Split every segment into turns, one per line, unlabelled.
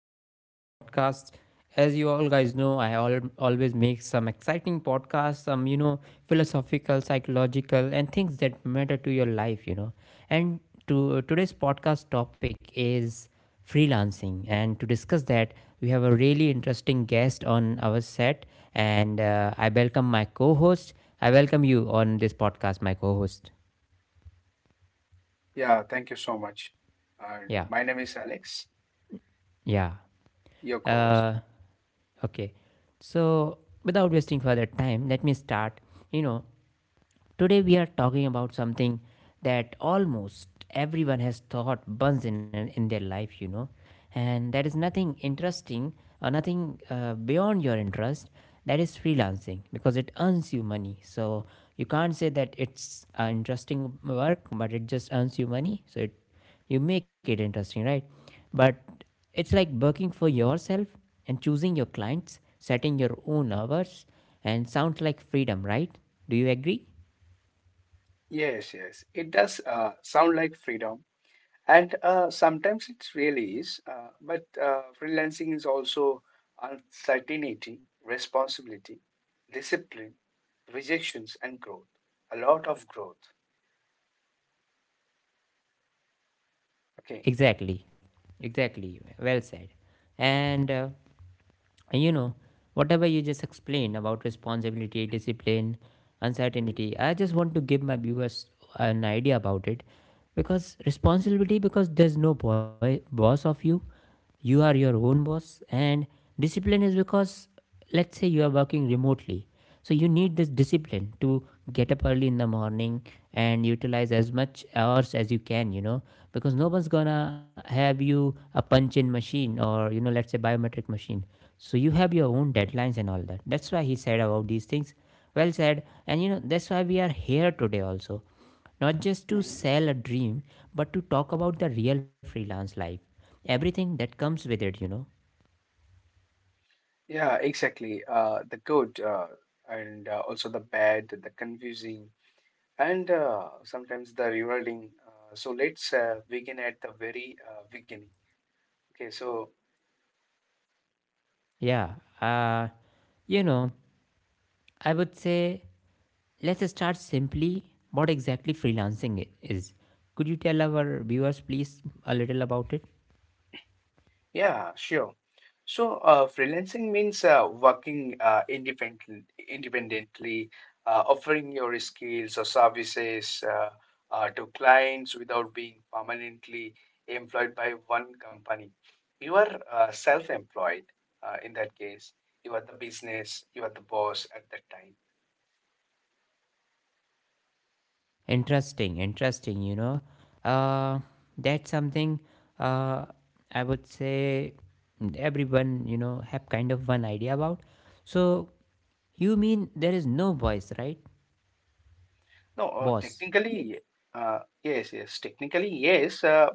on this new podcast. As you all guys know, I always make some exciting podcasts, some, philosophical, psychological, and things that matter to your life. And today's podcast topic is freelancing. And to discuss that, we have a really interesting guest on our set. And I welcome my co host. I welcome you on this podcast, my co host.
Yeah, thank you so much. And my
Yeah.
name is Alex,
Yeah.
your co host.
Uh, Okay, so without wasting further time, let me start. You know, Today we are talking about something that almost everyone has thought once in their life, and that is nothing interesting or nothing beyond your interest. That is freelancing because it earns you money. So you can't say that it's interesting work, but it just earns you money. So it you make it interesting, right? But it's like working for yourself and choosing your clients, setting your own hours, and sounds like freedom, right? Do you agree?
Yes, yes, it does sound like freedom, and sometimes it really is. But freelancing is also uncertainty, responsibility, discipline, rejections, and growth. A lot of growth. Okay.
Exactly, exactly. Well said. And you know, whatever you just explained about responsibility, discipline,
Mm,
uncertainty, I just want to give my viewers an idea about it. Because responsibility, because there's no boy boss of you are your own boss. And discipline is because, let's say, you are working remotely, so you need this discipline to get up early in the morning and utilize as much hours as you can because no one's gonna have you a punch in machine or, let's say, biometric machine. So you have your own deadlines and all that. That's why he said about these things. Well said. And that's why we are here today also, not just to
mhm.
sell a dream but to talk about the real freelance life, everything that comes with it.
Yeah, exactly. The good and also the bad, the confusing, and sometimes the rewarding. So let's begin at the very beginning. Okay, so
Yeah, uh, you know, I would say let's start simply what exactly freelancing is. Could you tell our viewers, please, a little about it?
yeah, sure. So freelancing means working independently, offering skills or services to clients without being permanently employed by one company. You are self-employed in that case. You are the business, you are the boss at that time.
Interesting, interesting. Uh, that's something, uh, I would say, everyone, have kind of one idea about. So you mean there is no voice, right?
No,
Boss.
technically, yes, yes, technically, yes,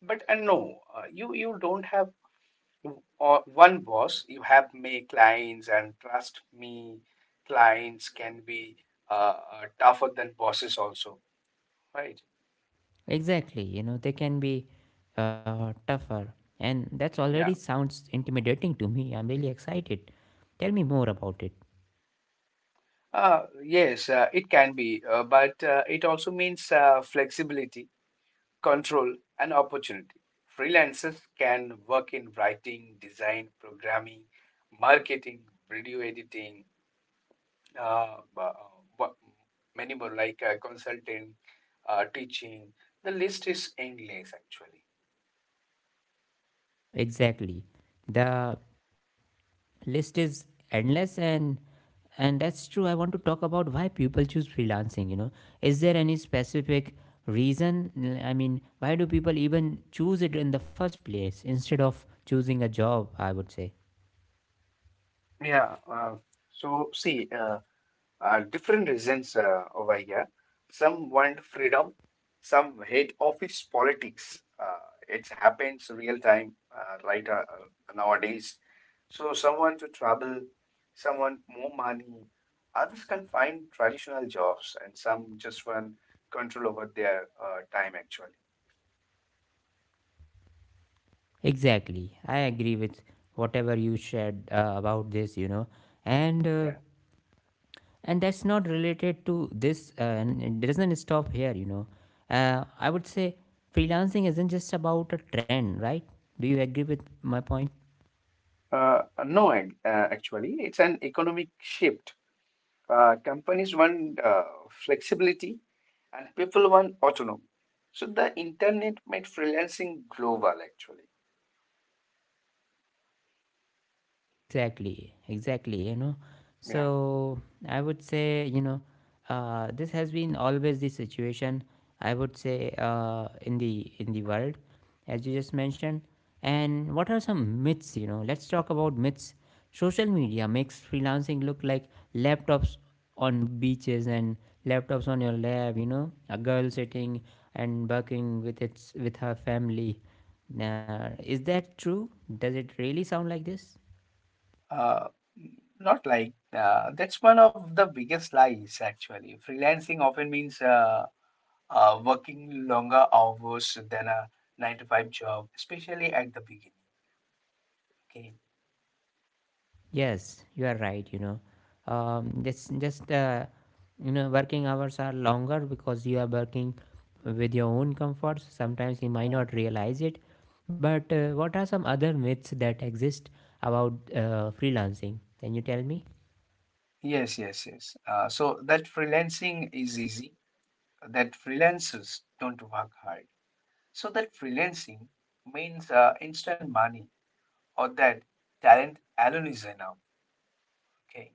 but and no, uh, you don't have or one boss. You have many clients, and trust me, clients can be tougher than bosses also, right?
Exactly, they can be tougher. And that's already
Yeah.
sounds intimidating to me. I'm really excited. Tell me more about it.
Yes, it can be, but it also means flexibility, control, and opportunity. Freelancers can work in writing, design, programming, marketing, video editing, uh, bu- bu- many more like consulting, teaching. The list is endless actually.
Exactly. The list is endless, and that's true. I want to talk about why people choose freelancing. Is there any specific reason? I mean, why do people even choose it in the first place instead of choosing a job, I would say?
Yeah. So see, different reasons over here. Some want freedom, some hate office politics. It happens real time right nowadays. So some want to travel, some want more money. Others can find traditional jobs, and some just want control over their time. Actually,
Exactly. I agree with whatever you shared about this. And uh,
yeah.
and that's not related to this, and it doesn't stop here. I would say freelancing isn't just about a trend, right? Do you agree with my point?
No, actually, it's an economic shift. Companies want flexibility and people want autonomy. So the internet made freelancing global actually.
Exactly, exactly. You know,
Yeah.
so I would say, this has been always the situation. I would say, in the world, as you just mentioned. And what are some myths? Let's talk about myths. Social media makes freelancing look like laptops on beaches and laptops on your lap. A girl sitting and working with her family. Now, is that true? Does it really sound like this?
Uh, Not like that's one of the biggest lies actually. Freelancing often means working longer hours than a nine to five job, especially at the beginning. Okay.
Yes, you are right. Working hours are longer because you are working with your own comforts. Sometimes you might not
Mhm.
realize it. But what are some other myths that exist about freelancing? Can you tell me?
Yes, yes, yes. So that freelancing is easy. That freelancers don't work hard. So that freelancing means instant money or that talent alone is enough. Okay.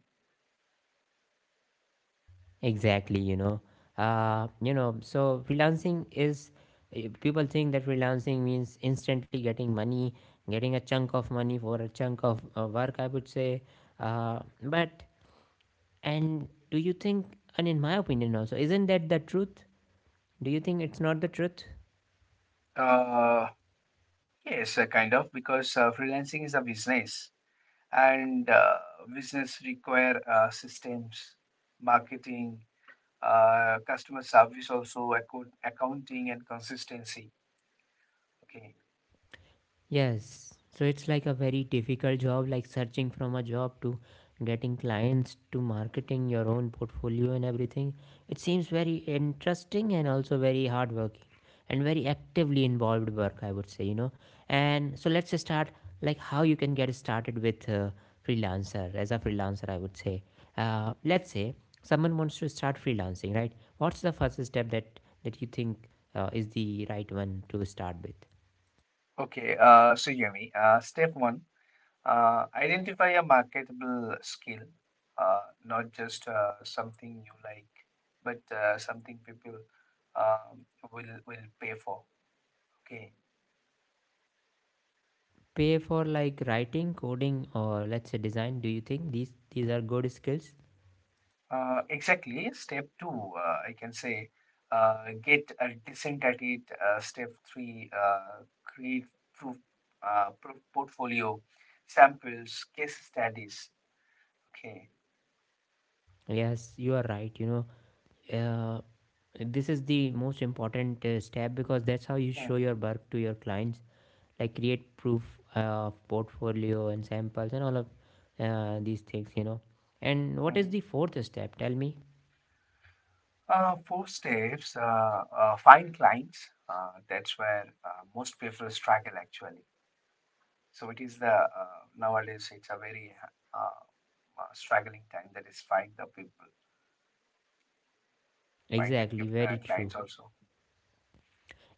Exactly. So freelancing is people think that freelancing means instantly getting money, getting a chunk of money for a chunk of work, I would say, but And do you think, and in my opinion also, isn't that the truth? Do you think it's not the truth?
Uh, yes, kind of because freelancing is a business and business require systems, marketing, customer service, also accounting and consistency. Okay.
Yes, so it's like a very difficult job, like searching from a job to getting clients to marketing your own portfolio and everything. It seems very interesting and also very hardworking and very actively involved work, I would say. And so let's just start like how you can get started with freelancer as a freelancer, I would say. Let's say someone wants to start freelancing, right? What's the first step that you think is the right one to start with?
Okay. So Yumi, step one. Identify a marketable skill, uh, not just something you like, but something people um, will pay for. Okay,
Pay for like writing, coding, or, let's say, design? Do you think these are good skills?
exactly. Step two, I can say, get decent at it. Step three, create proof, proof portfolio, samples, case studies. Okay.
Yes, you are right. Uh, this is the most important step because that's how you show your
Mhm,
work to your clients. Like create proof of portfolio and samples and all of these things. And what is
mhm.
the fourth step? Tell me.
Four steps find clients. That's where most people struggle actually. So it is the nowadays it's a very struggling time, that is find the people, find the
Exactly, very true.
clients also.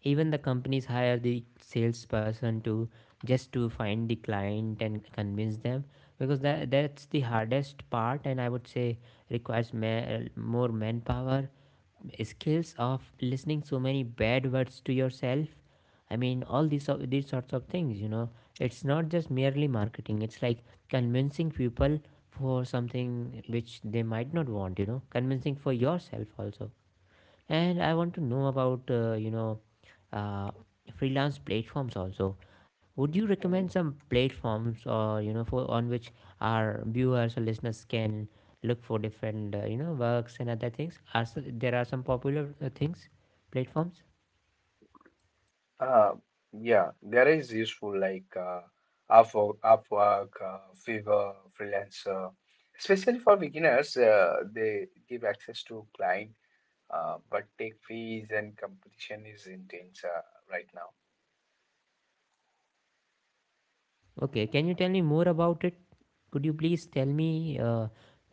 Even the companies hire the salesperson to just to find the client and convince them, because that's the hardest part, and I would say requires more manpower, skills of listening so many bad words to yourself. I mean, all these of these sorts of things. It's not just merely marketing, it's like convincing people for something which they might not want. Convincing for yourself also. And I want to know about, uh, freelance platforms also. Would you
Mhm.
recommend some platforms, or, for on which our viewers or listeners can look for different, works, and other things. There are some popular things platforms?
Uh, yeah, there is useful like Upwork, Fiverr, freelancer. Especially for beginners, they give access to client, but take fees and competition is intense right now.
Okay, can you tell me more about it? Could you please tell me, uh,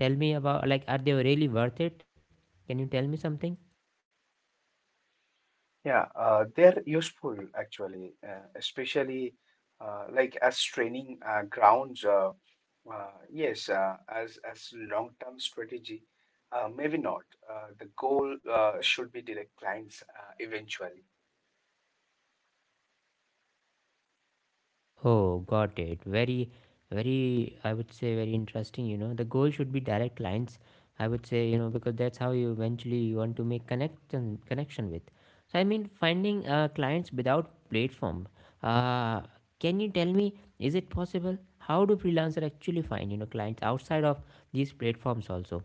tell me about, like, are they really worth it? Can you tell me something?
Yeah, they're useful actually, especially like as training grounds. Yes, as long-term strategy, maybe not. The goal should be direct clients eventually.
Oh, got it. Very, very, I would say, very interesting. You know, the goal should be direct clients. I would say, because that's how, you eventually, you want to make connection with. So, I mean, finding clients without platform. Uh, can you tell me, is it possible? How do freelancer actually find clients outside of these platforms also?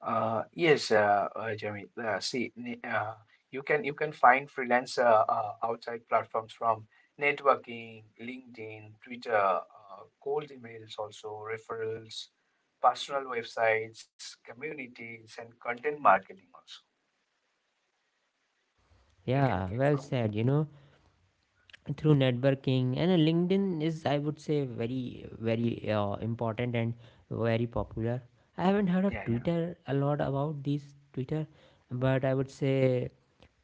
Yes, Jamil. See, ne- you can find freelancer outside platforms from networking, LinkedIn, Twitter, cold emails, also referrals, personal websites, communities, and content marketing. Also, you can
Yeah,
get
well
from.
said. Through networking. And LinkedIn is, I would say, very very important and very popular. I haven't heard of
Yeah, yeah,
Twitter a lot about this Twitter, but I would say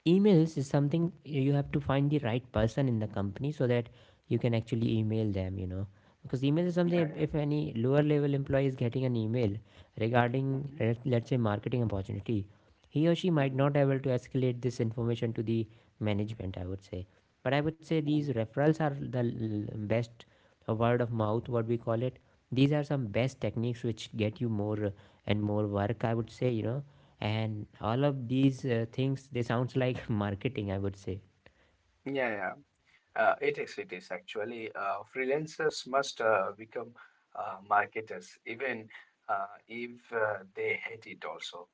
emails is something. You have to find the right person in the company so that you can actually email them because email is something.
yeah,
If any lower level employee is getting an email regarding,
yeah. Mm-hmm.
us say, marketing opportunity, he or she might not be able to escalate this information to the management, I would say. But I would say
Hmm.
these referrals are the best, a word of mouth, what we call it. These are some best techniques which get you more and more work, I would say. And all of these things, they sounds like marketing, I would say.
Yeah, yeah. It is, it is actually. Freelancers must become marketers, even if they hate it also,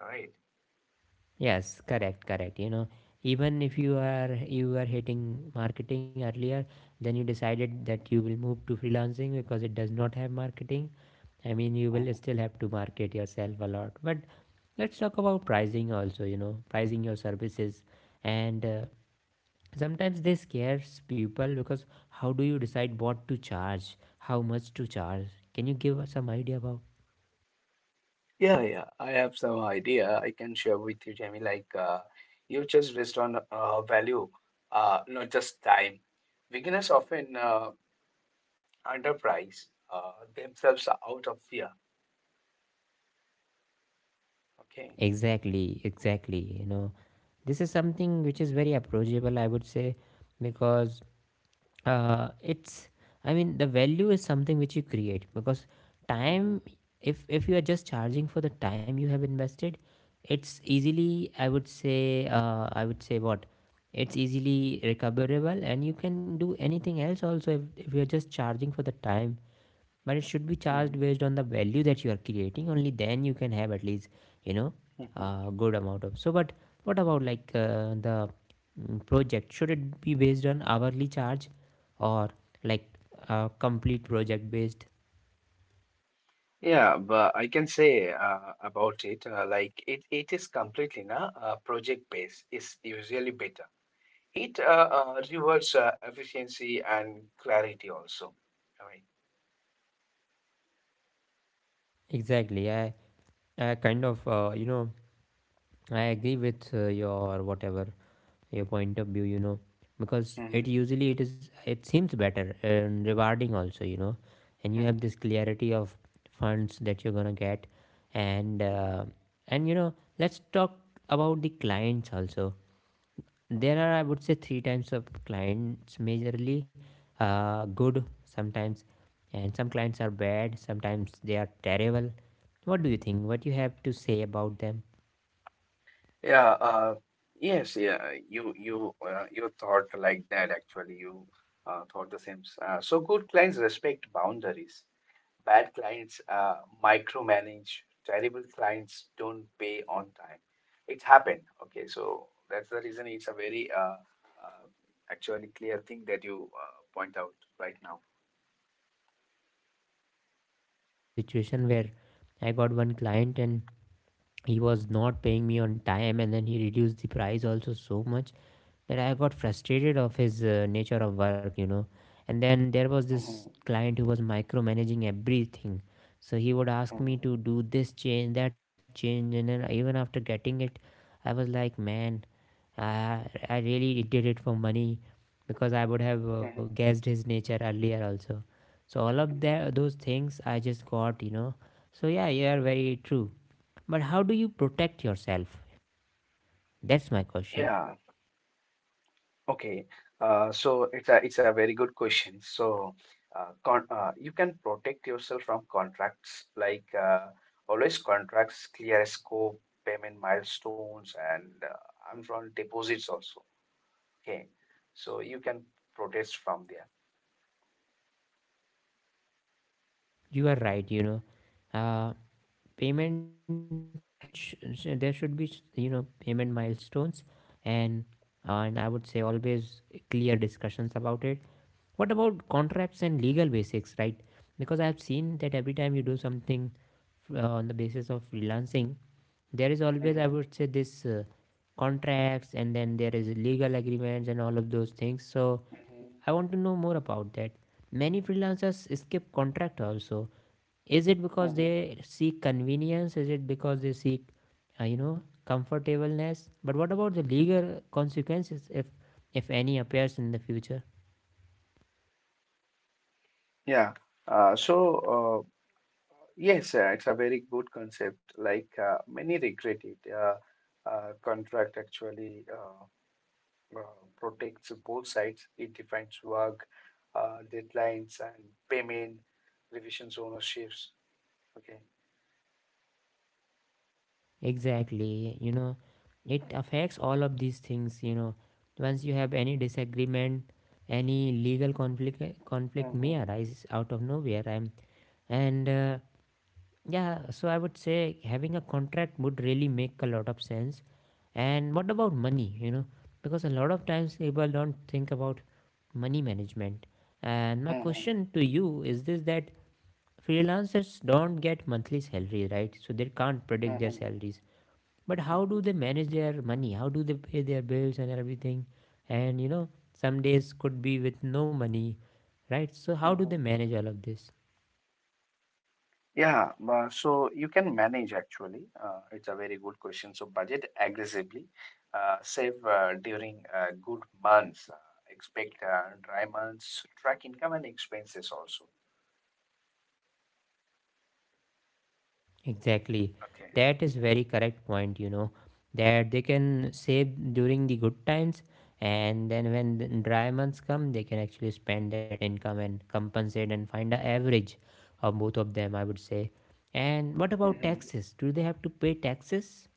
right?
Yes, correct, correct. Even if you are hating marketing earlier, then you decided that you will move to freelancing because it does not have marketing. I mean, you will still
Mhm.
have to market yourself a lot, but let's talk about pricing also. You know, pricing your services. And sometimes this scares people, because how do you decide what to charge, how much to charge? Can you give us some idea about?
Yeah, yeah. I have some idea I can share with you, Jamie. Like, you just based on value, not just time. Beginners often underprice themselves out of fear. Okay.
Exactly, exactly. This is something which is very approachable, I would say. Because uh, it's, I mean, the value is something which you create, because time,
Mhm.
if you are just charging for the time you have invested, it's easily, I would say, it's easily recoverable. And you can do anything else also if you are just charging for the time. But it should be charged based on the value that you are creating. Only then you can have, at least you know
Mhm.
a good amount of, so. But what about, like, the, project, should it be based on hourly charge, or like a complete project based?
Yeah, but I can say about it like it is completely na project based is usually better. It rewards efficiency and clarity also. I mean,
Exactly, I kind of you know I agree with, your, whatever, your point of view. Because
Mhm,
it usually it is it seems better and rewarding also. And you have
mhm,
this clarity of funds that you're gonna get. and
mhm.
uh, and you know let's talk about the clients also. There are, I would say, three types of clients majorly. Good sometimes, and some clients are bad, sometimes they are terrible. What do you think? What you have to say about them?
yeah, yes, yeah. You thought like that actually. You thought the same. So good clients respect boundaries. Bad clients micromanage. Terrible clients don't pay on time. It happened. Okay, so that's the reason it's a very uh, actually clear thing that you point out right now.
Yes, exactly, I have been to that situation where I got one client and he was not paying me on time, and then he reduced the price also so much that I got frustrated of his nature of work. And then there was
Mhm,
this client who was micromanaging everything, so he would ask me
mhm,
to do this change, that change And then even after getting it I was like, man, I really did it for money because I would have
mhm,
guessed his nature earlier also. So all of
mhm.
those things I just got. So yeah, you are very true, but how do you protect yourself? That's my question.
Yeah, okay, so it's a very good question. So, con you can protect yourself from contracts like always contracts clear scope, payment milestones, and upfront deposits also. Okay, so you can protest from there.
You are right, you know. Uh, Payment there should be, you know, payment milestones. And uh, and I would say always clear discussions about it. What about contracts and legal basics, right? Because I have seen that every time you do something on the basis of freelancing, there is always, I
Hmm.
would say, this contracts, and then there is legal agreements and all of those things. So
Hmm.
I want to know more about that. Many freelancers skip contract also. Is it because
Hmm.
they seek convenience? Is it because they seek, you know, comfortableness? But what about the legal consequences if any appears in the future?
Yeah. Uh, so uh, yes, it's a very good concept. Like many regret it. Contract actually. Uh, Protects both sides. It defines work, deadlines, and payment, revisions, ownerships. Okay.
Exactly. You know, it affects all of these things, you know. Once you have any disagreement, any legal conflict may
Mm-hmm.
arise out of nowhere. I'm and Yeah, so I would say having a contract would really make a lot of sense. And what about money, you know? Because a lot of times people don't think about money management. And my
Mm-hmm.
question to you is this, that freelancers don't get monthly salary, right? So they can't predict their
Mm-hmm.
salaries. But how do
Mm-hmm.
they manage their money? How do they pay their bills and everything? And you know, some days could be with no money, right? So how do they
Mm-hmm.
manage all of this?
Yeah, so you can manage actually. It's a very good question. So budget aggressively, save during good months, expect dry months, track income and expenses also.
Exactly.
Okay.
That is very correct point, you know, that they can save during the good times, and then when the dry months come, they can actually spend that income and compensate and find a average of both of them, I would say. And what about
Mhm.
taxes? Do they have to pay taxes?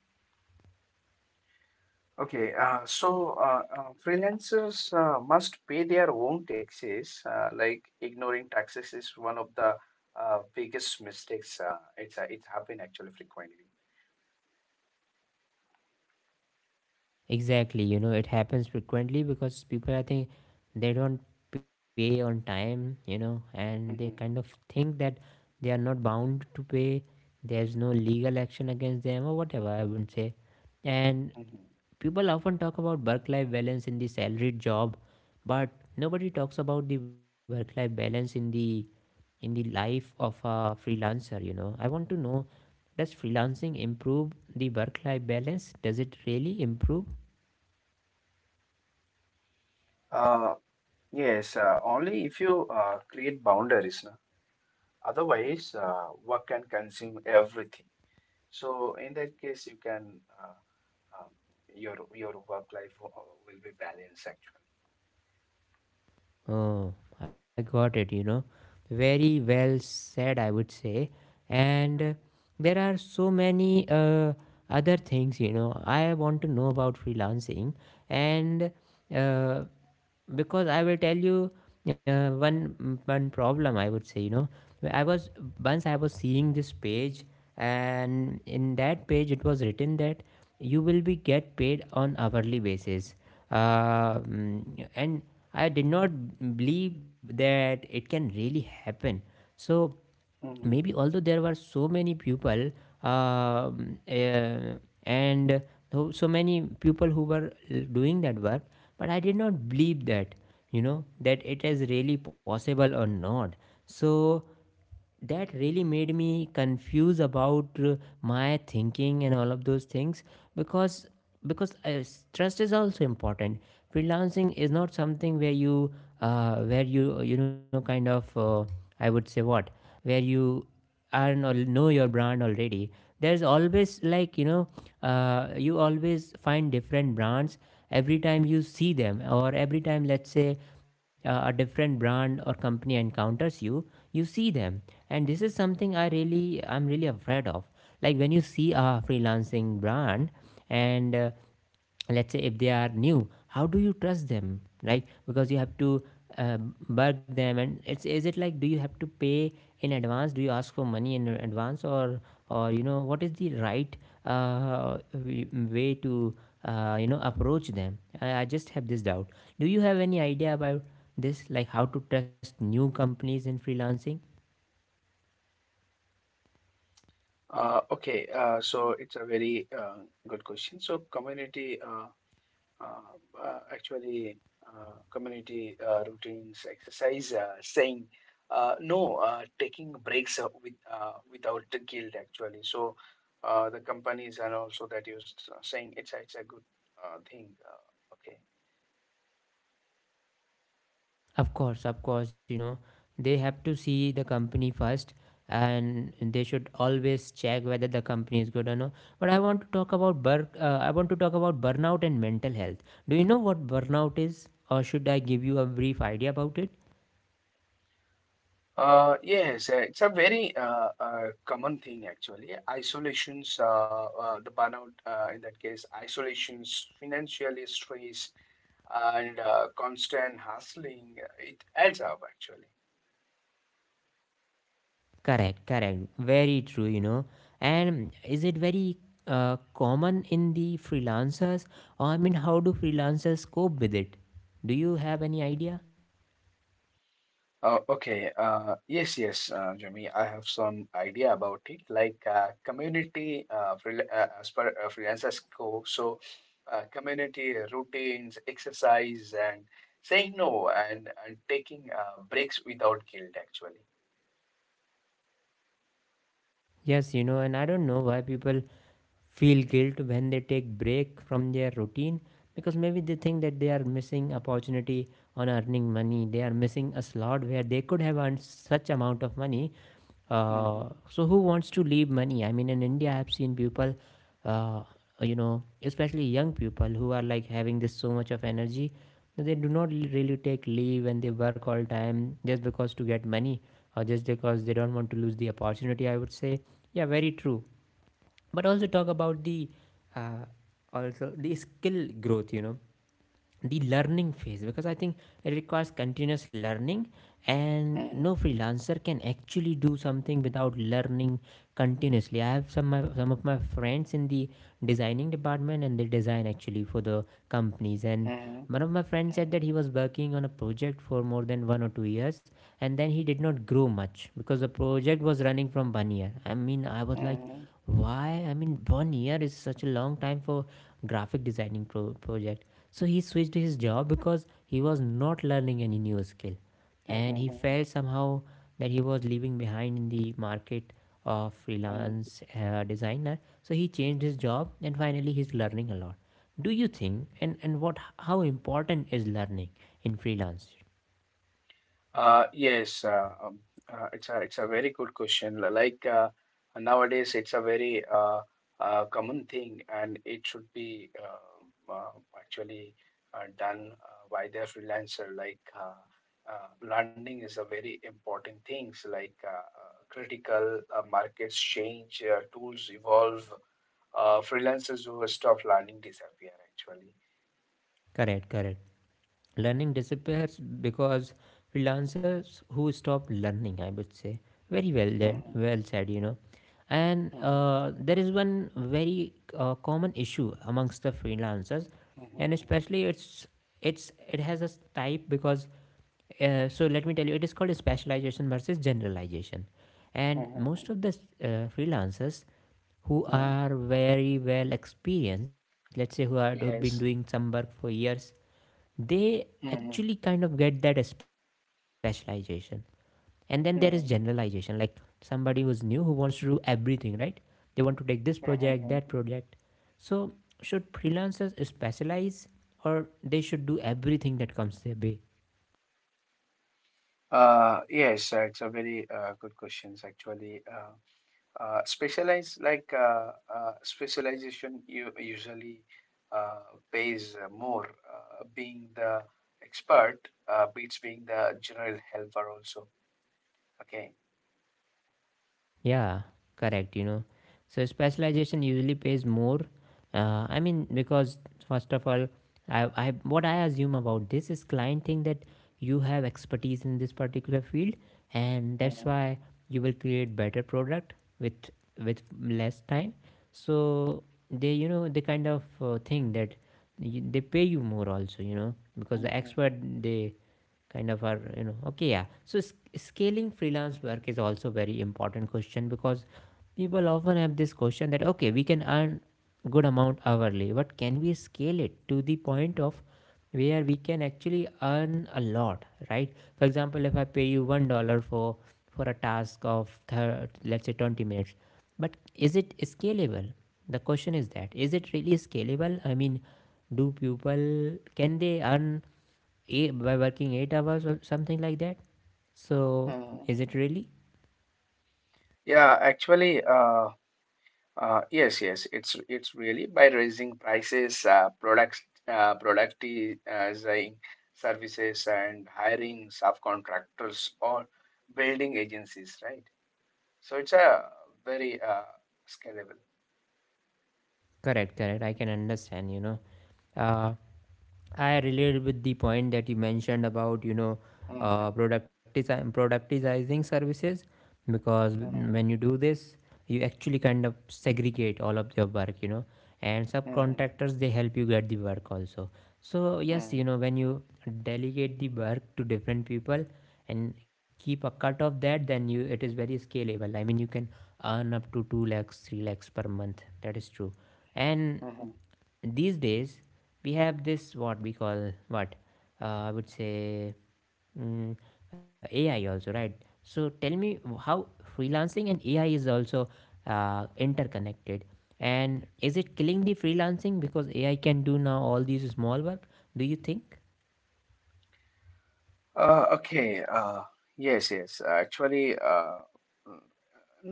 Okay, so freelancers must pay their own taxes. Like ignoring taxes is one of the biggest mistakes. It's it's happened actually frequently.
Exactly, you know, it happens frequently because people, I think, they don't pay on time, you know, and they kind of
Mhm,
think that they are not bound to pay, there's no legal action against them, or whatever, I would say. And
mhm.
people often talk about work life balance in the salaried job, but nobody talks about the work life balance in the life of a freelancer, you know. I want to know, does freelancing improve the work life balance? Does it really improve? Oh, I got it, you know. Very well said, I would say. And There are so many other things, you know, I want to know about freelancing. And uh, because I will tell you one problem, I would say, you know, I was once I was seeing this page, and in that page it was written that you will be get paid on hourly basis. And I did not believe that it can really happen. So maybe, although there were so many people, um, uh, and so many people who were doing that work, but I did not believe that, you know, that it is really possible or not. So that really made me confused about my thinking and all of those things. Because trust is also important. Freelancing is not something where you, where you know, kind of, I would say what where you and al- know your brand already. There's always, like, you know, you always find different brands every time you see them. Or every time, let's say, a different brand or company encounters you, you see them. And this is something I really, I'm really afraid of. Like, when you see a freelancing brand, and let's say if they are new, how do you trust them, right? Because you have to uh, bug them, and it's, is it like, do you have to pay in advance? Do you ask for money in advance? Or you know, what is the right way to you know, approach them? I just have this doubt. Do you have any idea about this, like how to trust new companies in freelancing?
Okay, so it's a very good question. So community, uh, actually, community routines, exercise, saying no, taking breaks without the guilt actually. So the companies and also that saying it's a good thing. Okay.
Of course, you know, they have to see the company first, and they should always check whether the company is good or no. But I want to talk about I want to talk about burnout and mental health. Do you know what burnout is, or should I give you a brief idea about it?
Yes, it's a very common thing actually. Isolations, the burnout in that case, isolations, financial stress, and constant hustling, it adds up actually.
Correct, correct. Very true, you know. And is it very common in the freelancers, or I mean, how do freelancers cope with it? Do you have any idea?
Okay. Yes, yes, Jimmy. I have some idea about it. Like community freel as per freelancer scope, so community routines, exercise, and saying no and taking breaks without guilt, actually.
Yes, you know, and I don't know why people feel guilt when they take break from their routine, because maybe they think that they are missing opportunity on earning money. They are missing a slot where they could have earned such amount of money.
Mm-hmm.
So who wants to leave money? I mean, in India I've seen people, uh, you know, especially young people who are like having this so much of energy, they do not really take leave, and they work all time just because to get money, or just because they don't want to lose the opportunity, I would say. Yeah, very true. But also talk about the uh, also the skill growth, you know, the learning phase, because I think it requires continuous learning, and
Mm-hmm.
no freelancer can actually do something without learning continuously. I have some of my friends in the designing department, and they design actually for the companies. And
Mm-hmm.
one of my friends said that he was working on a project for more than 1 or 2 years, and then he did not grow much because the project was running from 1 year. I mean, I was like,
Mm-hmm.
why? I mean, 1 year is such a long time for graphic designing project. So he switched his job because he was not learning any new skill, and he felt somehow that he was leaving behind in the market of
Mm-hmm.
freelance designer. So he changed his job, and finally he's learning a lot. Do you think, and what, how important is learning in freelance?
Yes, it's a very good question. Like nowadays, it's a very common thing, and it should be actually done by the freelancer. Like learning is a very important things. Like critical markets change, tools evolve. Freelancers who stop learning disappear actually.
Correct, correct. Learning disappears because freelancers who stop learning, I would say. Very well then,
Mhm,
well said, you know. and
mhm,
uh, there is one very common issue amongst the freelancers, and
mhm,
especially it's, it has a type. Because so let me tell you, it is called specialization versus generalization. And
mhm, mhm,
most of the freelancers who
mhm.
are very well experienced, let's say, who are, who have been
Yes.
doing some work for years, they
Mm-hmm.
actually kind of get that specialization. And then there is generalization,
Mm-hmm.
like somebody who's new, who wants to do everything, right? They want to take this project, that
Mm-hmm.
project.
Mm-hmm.
So should freelancers specialize, or they should do everything that comes their way?
Yes, it's a very good questions actually. Specialize like specialization you usually uh, pays more. Being the expert beats being the general helper also. Okay.
Yeah, correct, you know. So specialization usually pays more. I mean, because first of all, I what I assume about this is, client think that you have expertise in this particular field, and that's
Mm-hmm.
why you will create better product with less time. So they, you know, they kind of think that you, they pay you more also, you know, because the expert,
Mm-hmm.
they kind of are, you know. Okay, yeah, so scaling freelance work is also very important question, because people often have this question that, okay, we can earn good amount hourly, but can we scale it to the point of where we can actually earn a lot, right? For example, if I pay you $1 for a task of let's say 20 minutes, but is it scalable? The question is that, is it really scalable? I mean, do people, can they earn eight, by working 8 hours or something like that? So
Mm.
is it really?
Yeah, actually, yes, yes, it's really by raising prices, productizing services, and hiring subcontractors or building agencies, right? So it's a very scalable.
Correct, correct, I can understand, you know. uh, I relate with the point that you mentioned about, you know,
Mhm,
productizing services. Because
mhm,
when you do this, you actually kind of segregate all of your work, you know, and
mhm,
subcontractors, they help you get the work also. So yes,
mhm,
you know, when you delegate the work to different people and keep a cut of that, then you, it is very scalable. I mean, you can earn up to 2 lakhs 3 lakhs per month, that is true. And
mhm.
these days we have this, what we call what, I would say mm, AI also, right? So tell me how freelancing and AI is also interconnected, and is it killing the freelancing, because AI can do now all these small work, do you think?
Okay. Yes, yes. Actually, mm,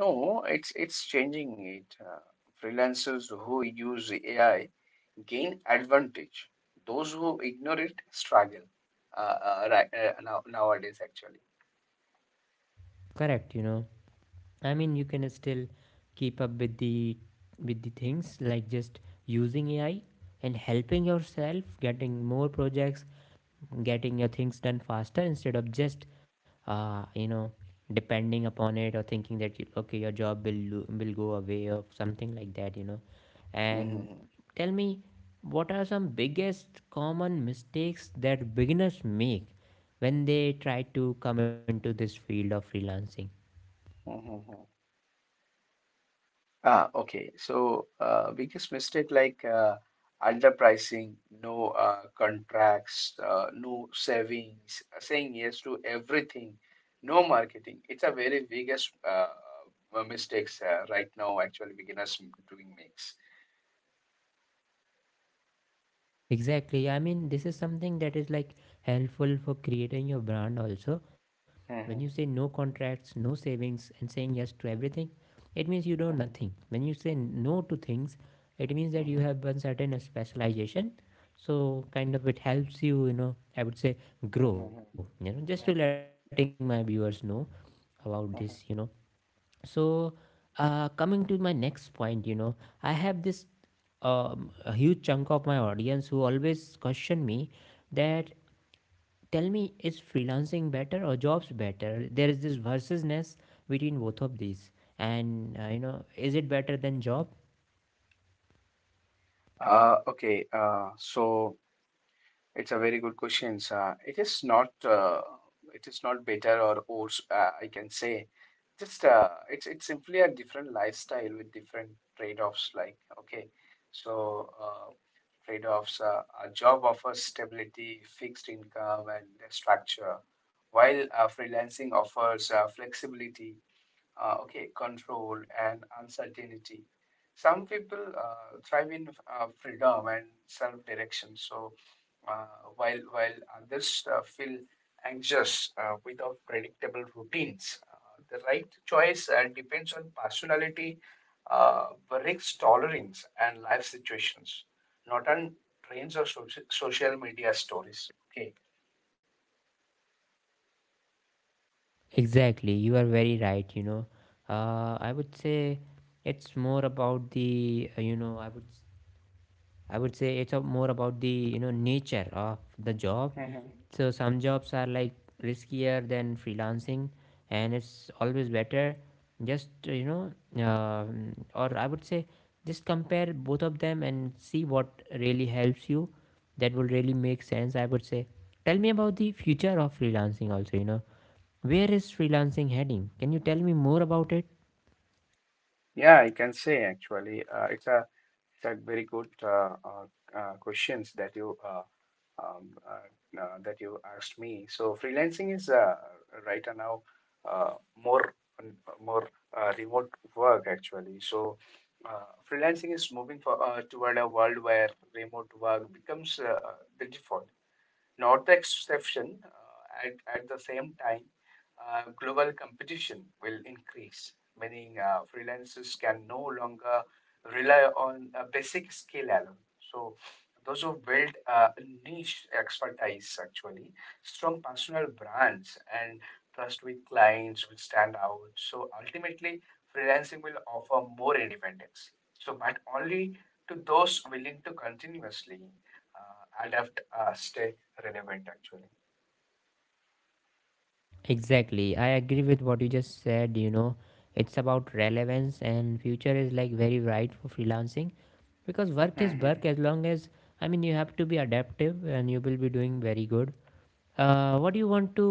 no, it's changing it. Freelancers who use AI gain advantage. Those who ignore it struggle right now, nowadays, actually.
Correct, you know, I mean, you can still keep up with the things, like just using AI and helping yourself Getting more projects, getting your things done faster instead of just uh, you know depending upon it or thinking that okay, your job will will go away or something like that. And
Mhm,
tell me, what are some biggest common mistakes that beginners make when they try to come into this field of freelancing?
mhm, mhm. Ah, okay. So, biggest mistake like underpricing, no contracts, no savings, saying yes to everything, no marketing. It's a very biggest mistakes right now, actually, beginners doing makes.
Exactly, I mean this is something that is like helpful for creating your brand also. When you say
Mhm,
no contracts, no savings, and saying yes to everything, it means you know nothing.
mhm,
When you say no to things, it means that you
mhm,
have one certain specialization. So kind of it helps you, you know, I would say
mhm,
grow,
mhm,
you know, just to
mhm,
letting my viewers know about this, you know.
mhm.
So coming to my next point, you know, I have this a huge chunk of my audience who always question me that, tell me, is freelancing better or jobs better? There is this versusness between both of these. And, you know, is it better than job?
Okay, so it's a very good question. It is not better or worse, I can say just it's simply a different lifestyle with different trade-offs. Like okay, so trade-offs, a job offers stability, fixed income, and structure, while freelancing offers flexibility, okay, control and uncertainty. Some people thrive in freedom and self-direction, so uh, while others feel anxious without predictable routines. The right choice depends on personality, uh, risk tolerance, and life situations, not on trends or social media stories. Okay.
Exactly. You are very right, you know. I would say it's more about the, you know, I would say it's a more about the, you know, nature of the job.
Mhm.
So some jobs are like riskier than freelancing, and it's always better just you know, or I would say just compare both of them and see what really helps you. That will really make sense, I would say. Tell me about the future of freelancing also. You know, where is freelancing heading? Can you tell me more about it?
Yeah, I can say actually, it's a very good questions that you asked me. So freelancing is right now uh, more more remote work actually. So freelancing is moving toward a world where remote work becomes the default, not the exception. At the same time, global competition will increase, meaning freelancers can no longer rely on a basic skill alone. So, those who build niche expertise, actually, strong personal brands, and trust with clients will stand out. So, ultimately, freelancing will offer more independence. So, but only to those willing to continuously adapt, stay relevant actually.
Exactly. I agree with what you just said. You know, it's about relevance, and future is like very right for freelancing because work is
Hmm.
work as long as, I mean, you have to be adaptive and you will be doing very good. What do you want to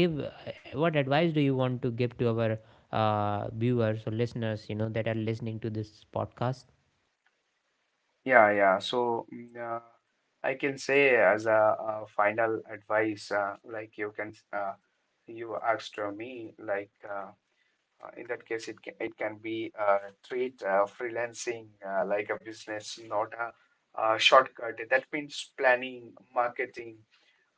give? What advice do you want to give to our viewers or listeners, you know, that are listening to this podcast?
Yeah, yeah. So I can say as a final advice, like you can, you asked me, like in that case, it can be treat freelancing like a business, not a shortcut. That means planning, marketing,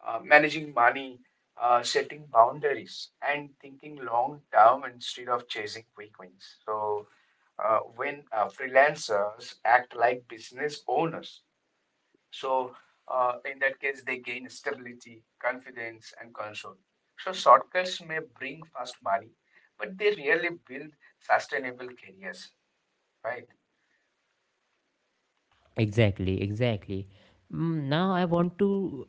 uh, managing money, setting boundaries, and thinking long term instead of chasing quick wins. So, when freelancers act like business owners, so, in that case, they gain stability, confidence, and control. So, shortcuts may bring fast money, but they rarely build sustainable careers, right?
Exactly. Exactly. Now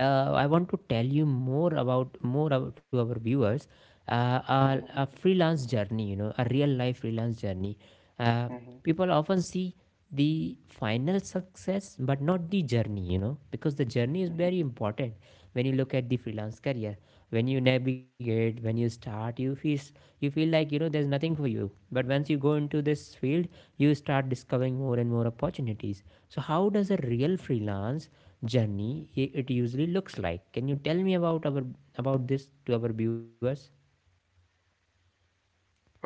I want to tell you more about to our viewers a
Mhm,
freelance journey, you know, a real life freelance journey. Uh,
mhm,
People often see the final success, but not the journey, you know, because the journey is very
mhm.
important when you look at the freelance career. When you navigate, when you start, you feel like, you know, there's nothing for you. But once you go into this field, you start discovering more and more opportunities. So how does a real freelance journey it usually looks like? Can you tell me about our about this to our viewers?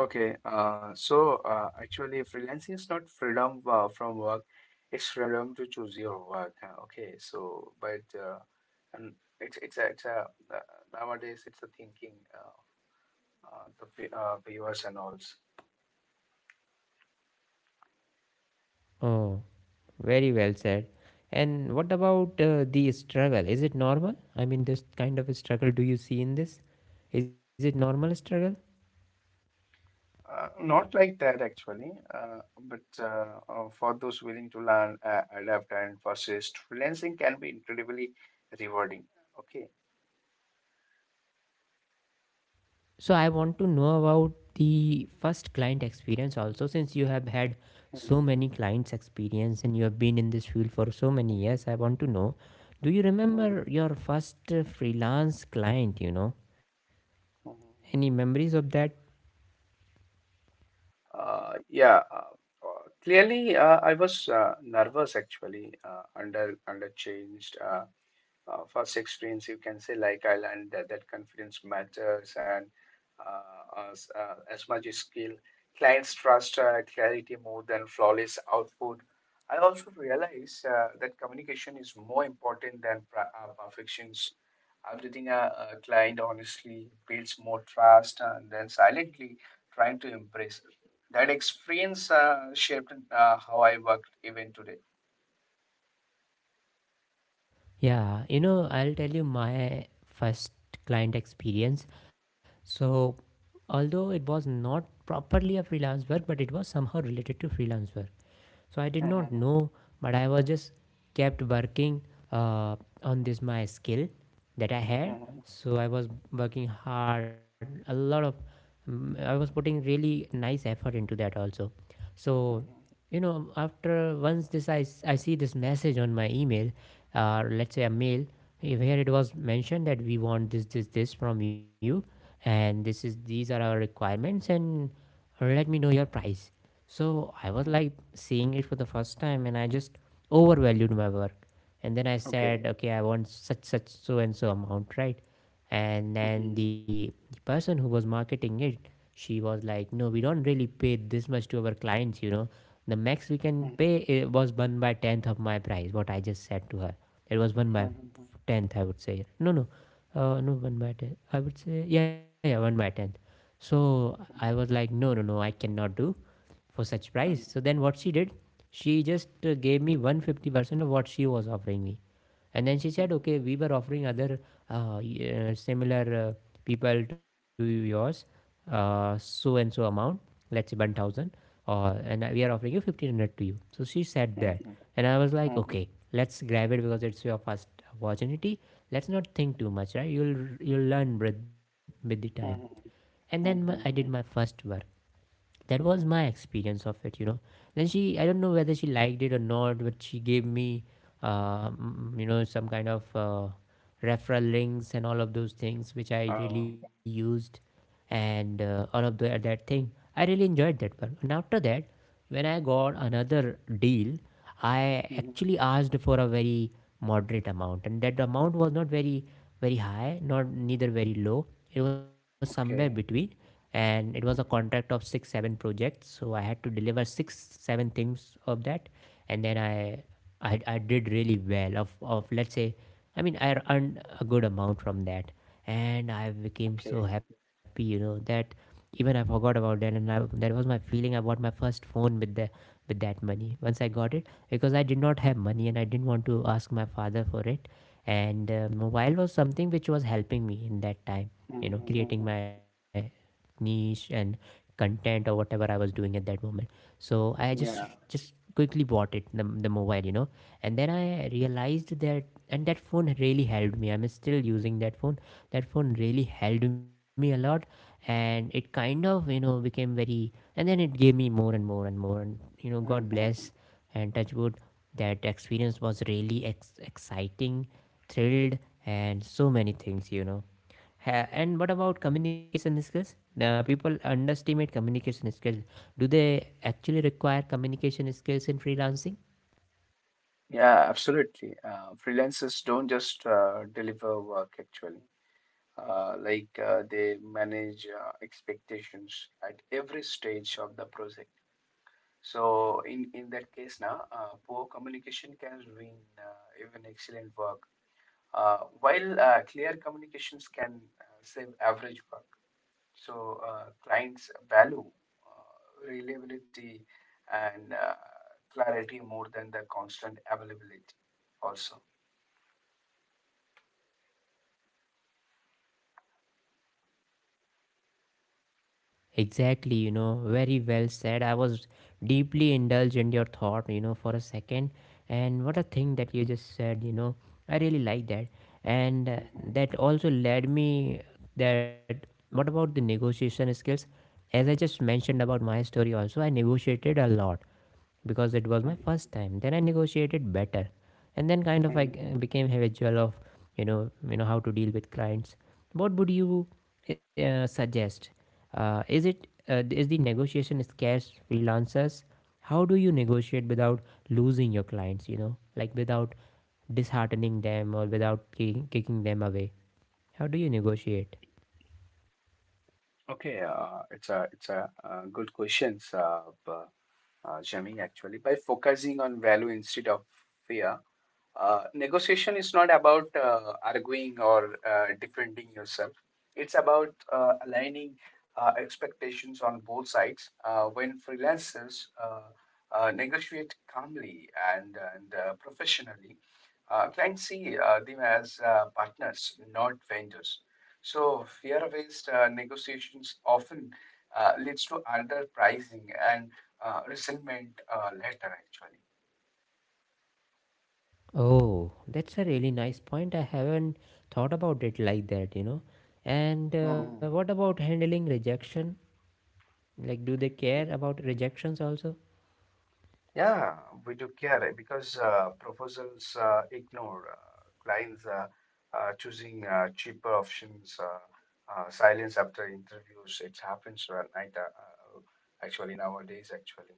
Okay, actually, freelancing is not freedom from work, it's freedom to choose your work. Okay, so but and it's a uh, nowadays it's a thinking the viewers and all.
Oh, very well said. And what about the struggle? Is it normal? I mean, this kind of struggle do you see in this? Is it normal struggle?
Not like that actually, but for those willing to learn, adapt, and persist, freelancing can be incredibly rewarding. Okay.
So I want to know about the first client experience also, since you have had so many
Mhm,
clients experience and you have been in this field for so many years. I
mhm,
want to know, do you
mhm,
remember your first freelance client, you know, any
mhm.
memories of that?
Yeah. Clearly, I was nervous actually under changed. First experience you can say like I learned that, that confidence matters and as much as skill, clients trust clarity more than flawless output. I also realize that communication is more important than perfections. Updating a client honestly builds more trust than silently trying to impress. That experience shaped how I worked even today.
Yeah, you know, I'll tell you my first client experience. So although it was not properly a freelance work but it was somehow related to freelance work, so I did not
Mhm,
know, but I was just kept working uh, on this my skill that I had.
mhm,
So I was working hard, a lot of, I was putting really nice effort into that also. So
mhm,
you know, after once this I see this message on my email, let's say a mail, where it was mentioned that we want this this from you, and this is these are our requirements and let me know your price. So I was
mhm.
like seeing it for the first time and I just overvalued my work. And then I said,
Okay.
okay, I want such such so and so amount, right? And then
Oh,
the person who was marketing it, she was like, no, we don't really pay this much to our clients, you know. The max we can pay, was 1 by 10th of my price what I just said to her. It was 1 by 10th, I would say. No no uh, no, one by ten, I would say. Yeah, yeah, one by ten. So I was like, no, no, no, I cannot do for such price. So then what she did, she just gave me 150% of what she was offering me. And then she said, okay, we were offering other uh, similar people to yours, so and so amount, let's say 1000, and we are offering you 1500 to you. So she said that. And I was like, okay, let's grab it because it's your first opportunity. Let's not think too much, right? You'll learn with the time. And then I did my first work. That was my experience of it, you know. Then she, I don't know whether she liked it or not, but she gave me you know, some kind of referral links and all of those things which I really used and all of the, that thing. I really enjoyed that work. And after that, when I got another deal, I actually asked for a very moderate amount, and that amount was not very very high, not neither very low. It was somewhere between,
okay.
and it was a contract of 6 7 projects. So I had to deliver 6 7 things of that, and then I did really well of, let's say, I mean, I earned a good amount from that. And I became so
Okay.
happy, you know, that even I forgot about that, and I, that was my feeling. I bought my first phone with the with that money once I got it because I did not have money and I didn't want to ask my father for it. And mobile was something which was helping me in that time, you know, creating my niche and content or whatever I was doing at that moment. So I
Yeah.
just quickly bought it the mobile, you know, and then I realized that and that phone really helped me. I'm still using that phone. That phone really helped me a lot, and it kind of, you know, became very, and then it gave me more and more and more. And, you know, god bless and touch wood, that experience was really exciting, thrilled, and so many things, you know. And what about communication skills? People underestimate communication skills. Do they actually require communication skills in freelancing?
Yeah, absolutely. Freelancers don't just deliver work actually. Like they manage expectations at every stage of the process. So in that case now, poor communication can ruin even excellent work, while clear communications can save average work. So clients value reliability and clarity more than the constant availability also.
Exactly, you know, very well said. I was deeply indulged in your thought, you know, for a second. And what a thing that you just said, you know, I really like that. And
Mhm,
that also led me that what about the negotiation skills? As I just mentioned about my story, also, I negotiated a lot because it was
mhm,
my first time, then I negotiated better, and then kind of I
mhm.
became habitual of, you know, you know how to deal with clients. What would you suggest? Is it is the negotiation scarce freelancers? How do you negotiate without losing your clients, you know, like without disheartening them or without kicking them away? How do you negotiate?
Okay, it's a good questions, Jimmy, actually. By focusing on value instead of fear, negotiation is not about arguing or defending yourself. It's about aligning expectations on both sides. When freelancers negotiate calmly and professionally, clients see them as partners, not vendors. So fear-based negotiations often leads to underpricing and resentment later, actually.
Oh, that's a really nice point. I haven't thought about it like that, you know. And what about handling rejection? Like, do they care about rejections also?
Yeah, we do care eh, because proposals ignore clients choosing cheaper options, silence after interviews. It happens at night, uh, actually, nowadays, actually.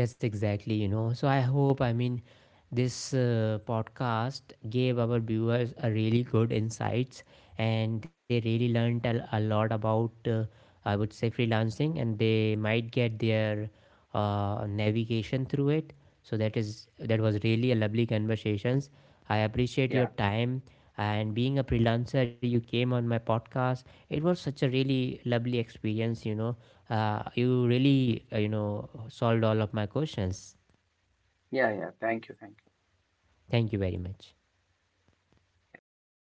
Yes, exactly. You know, so I hope, I mean, this podcast gave our viewers a really good insights and they really learned a lot about, I would say, freelancing, and they might get their navigation through it. So that is that was really a lovely conversations. I appreciate
Yeah,
your time and being a freelancer, you came on my podcast. It was such a really lovely experience, you know, you really, you know, solved all of my questions.
yeah, yeah. Thank you, thank you.
Thank you very much.
Yeah, thank you.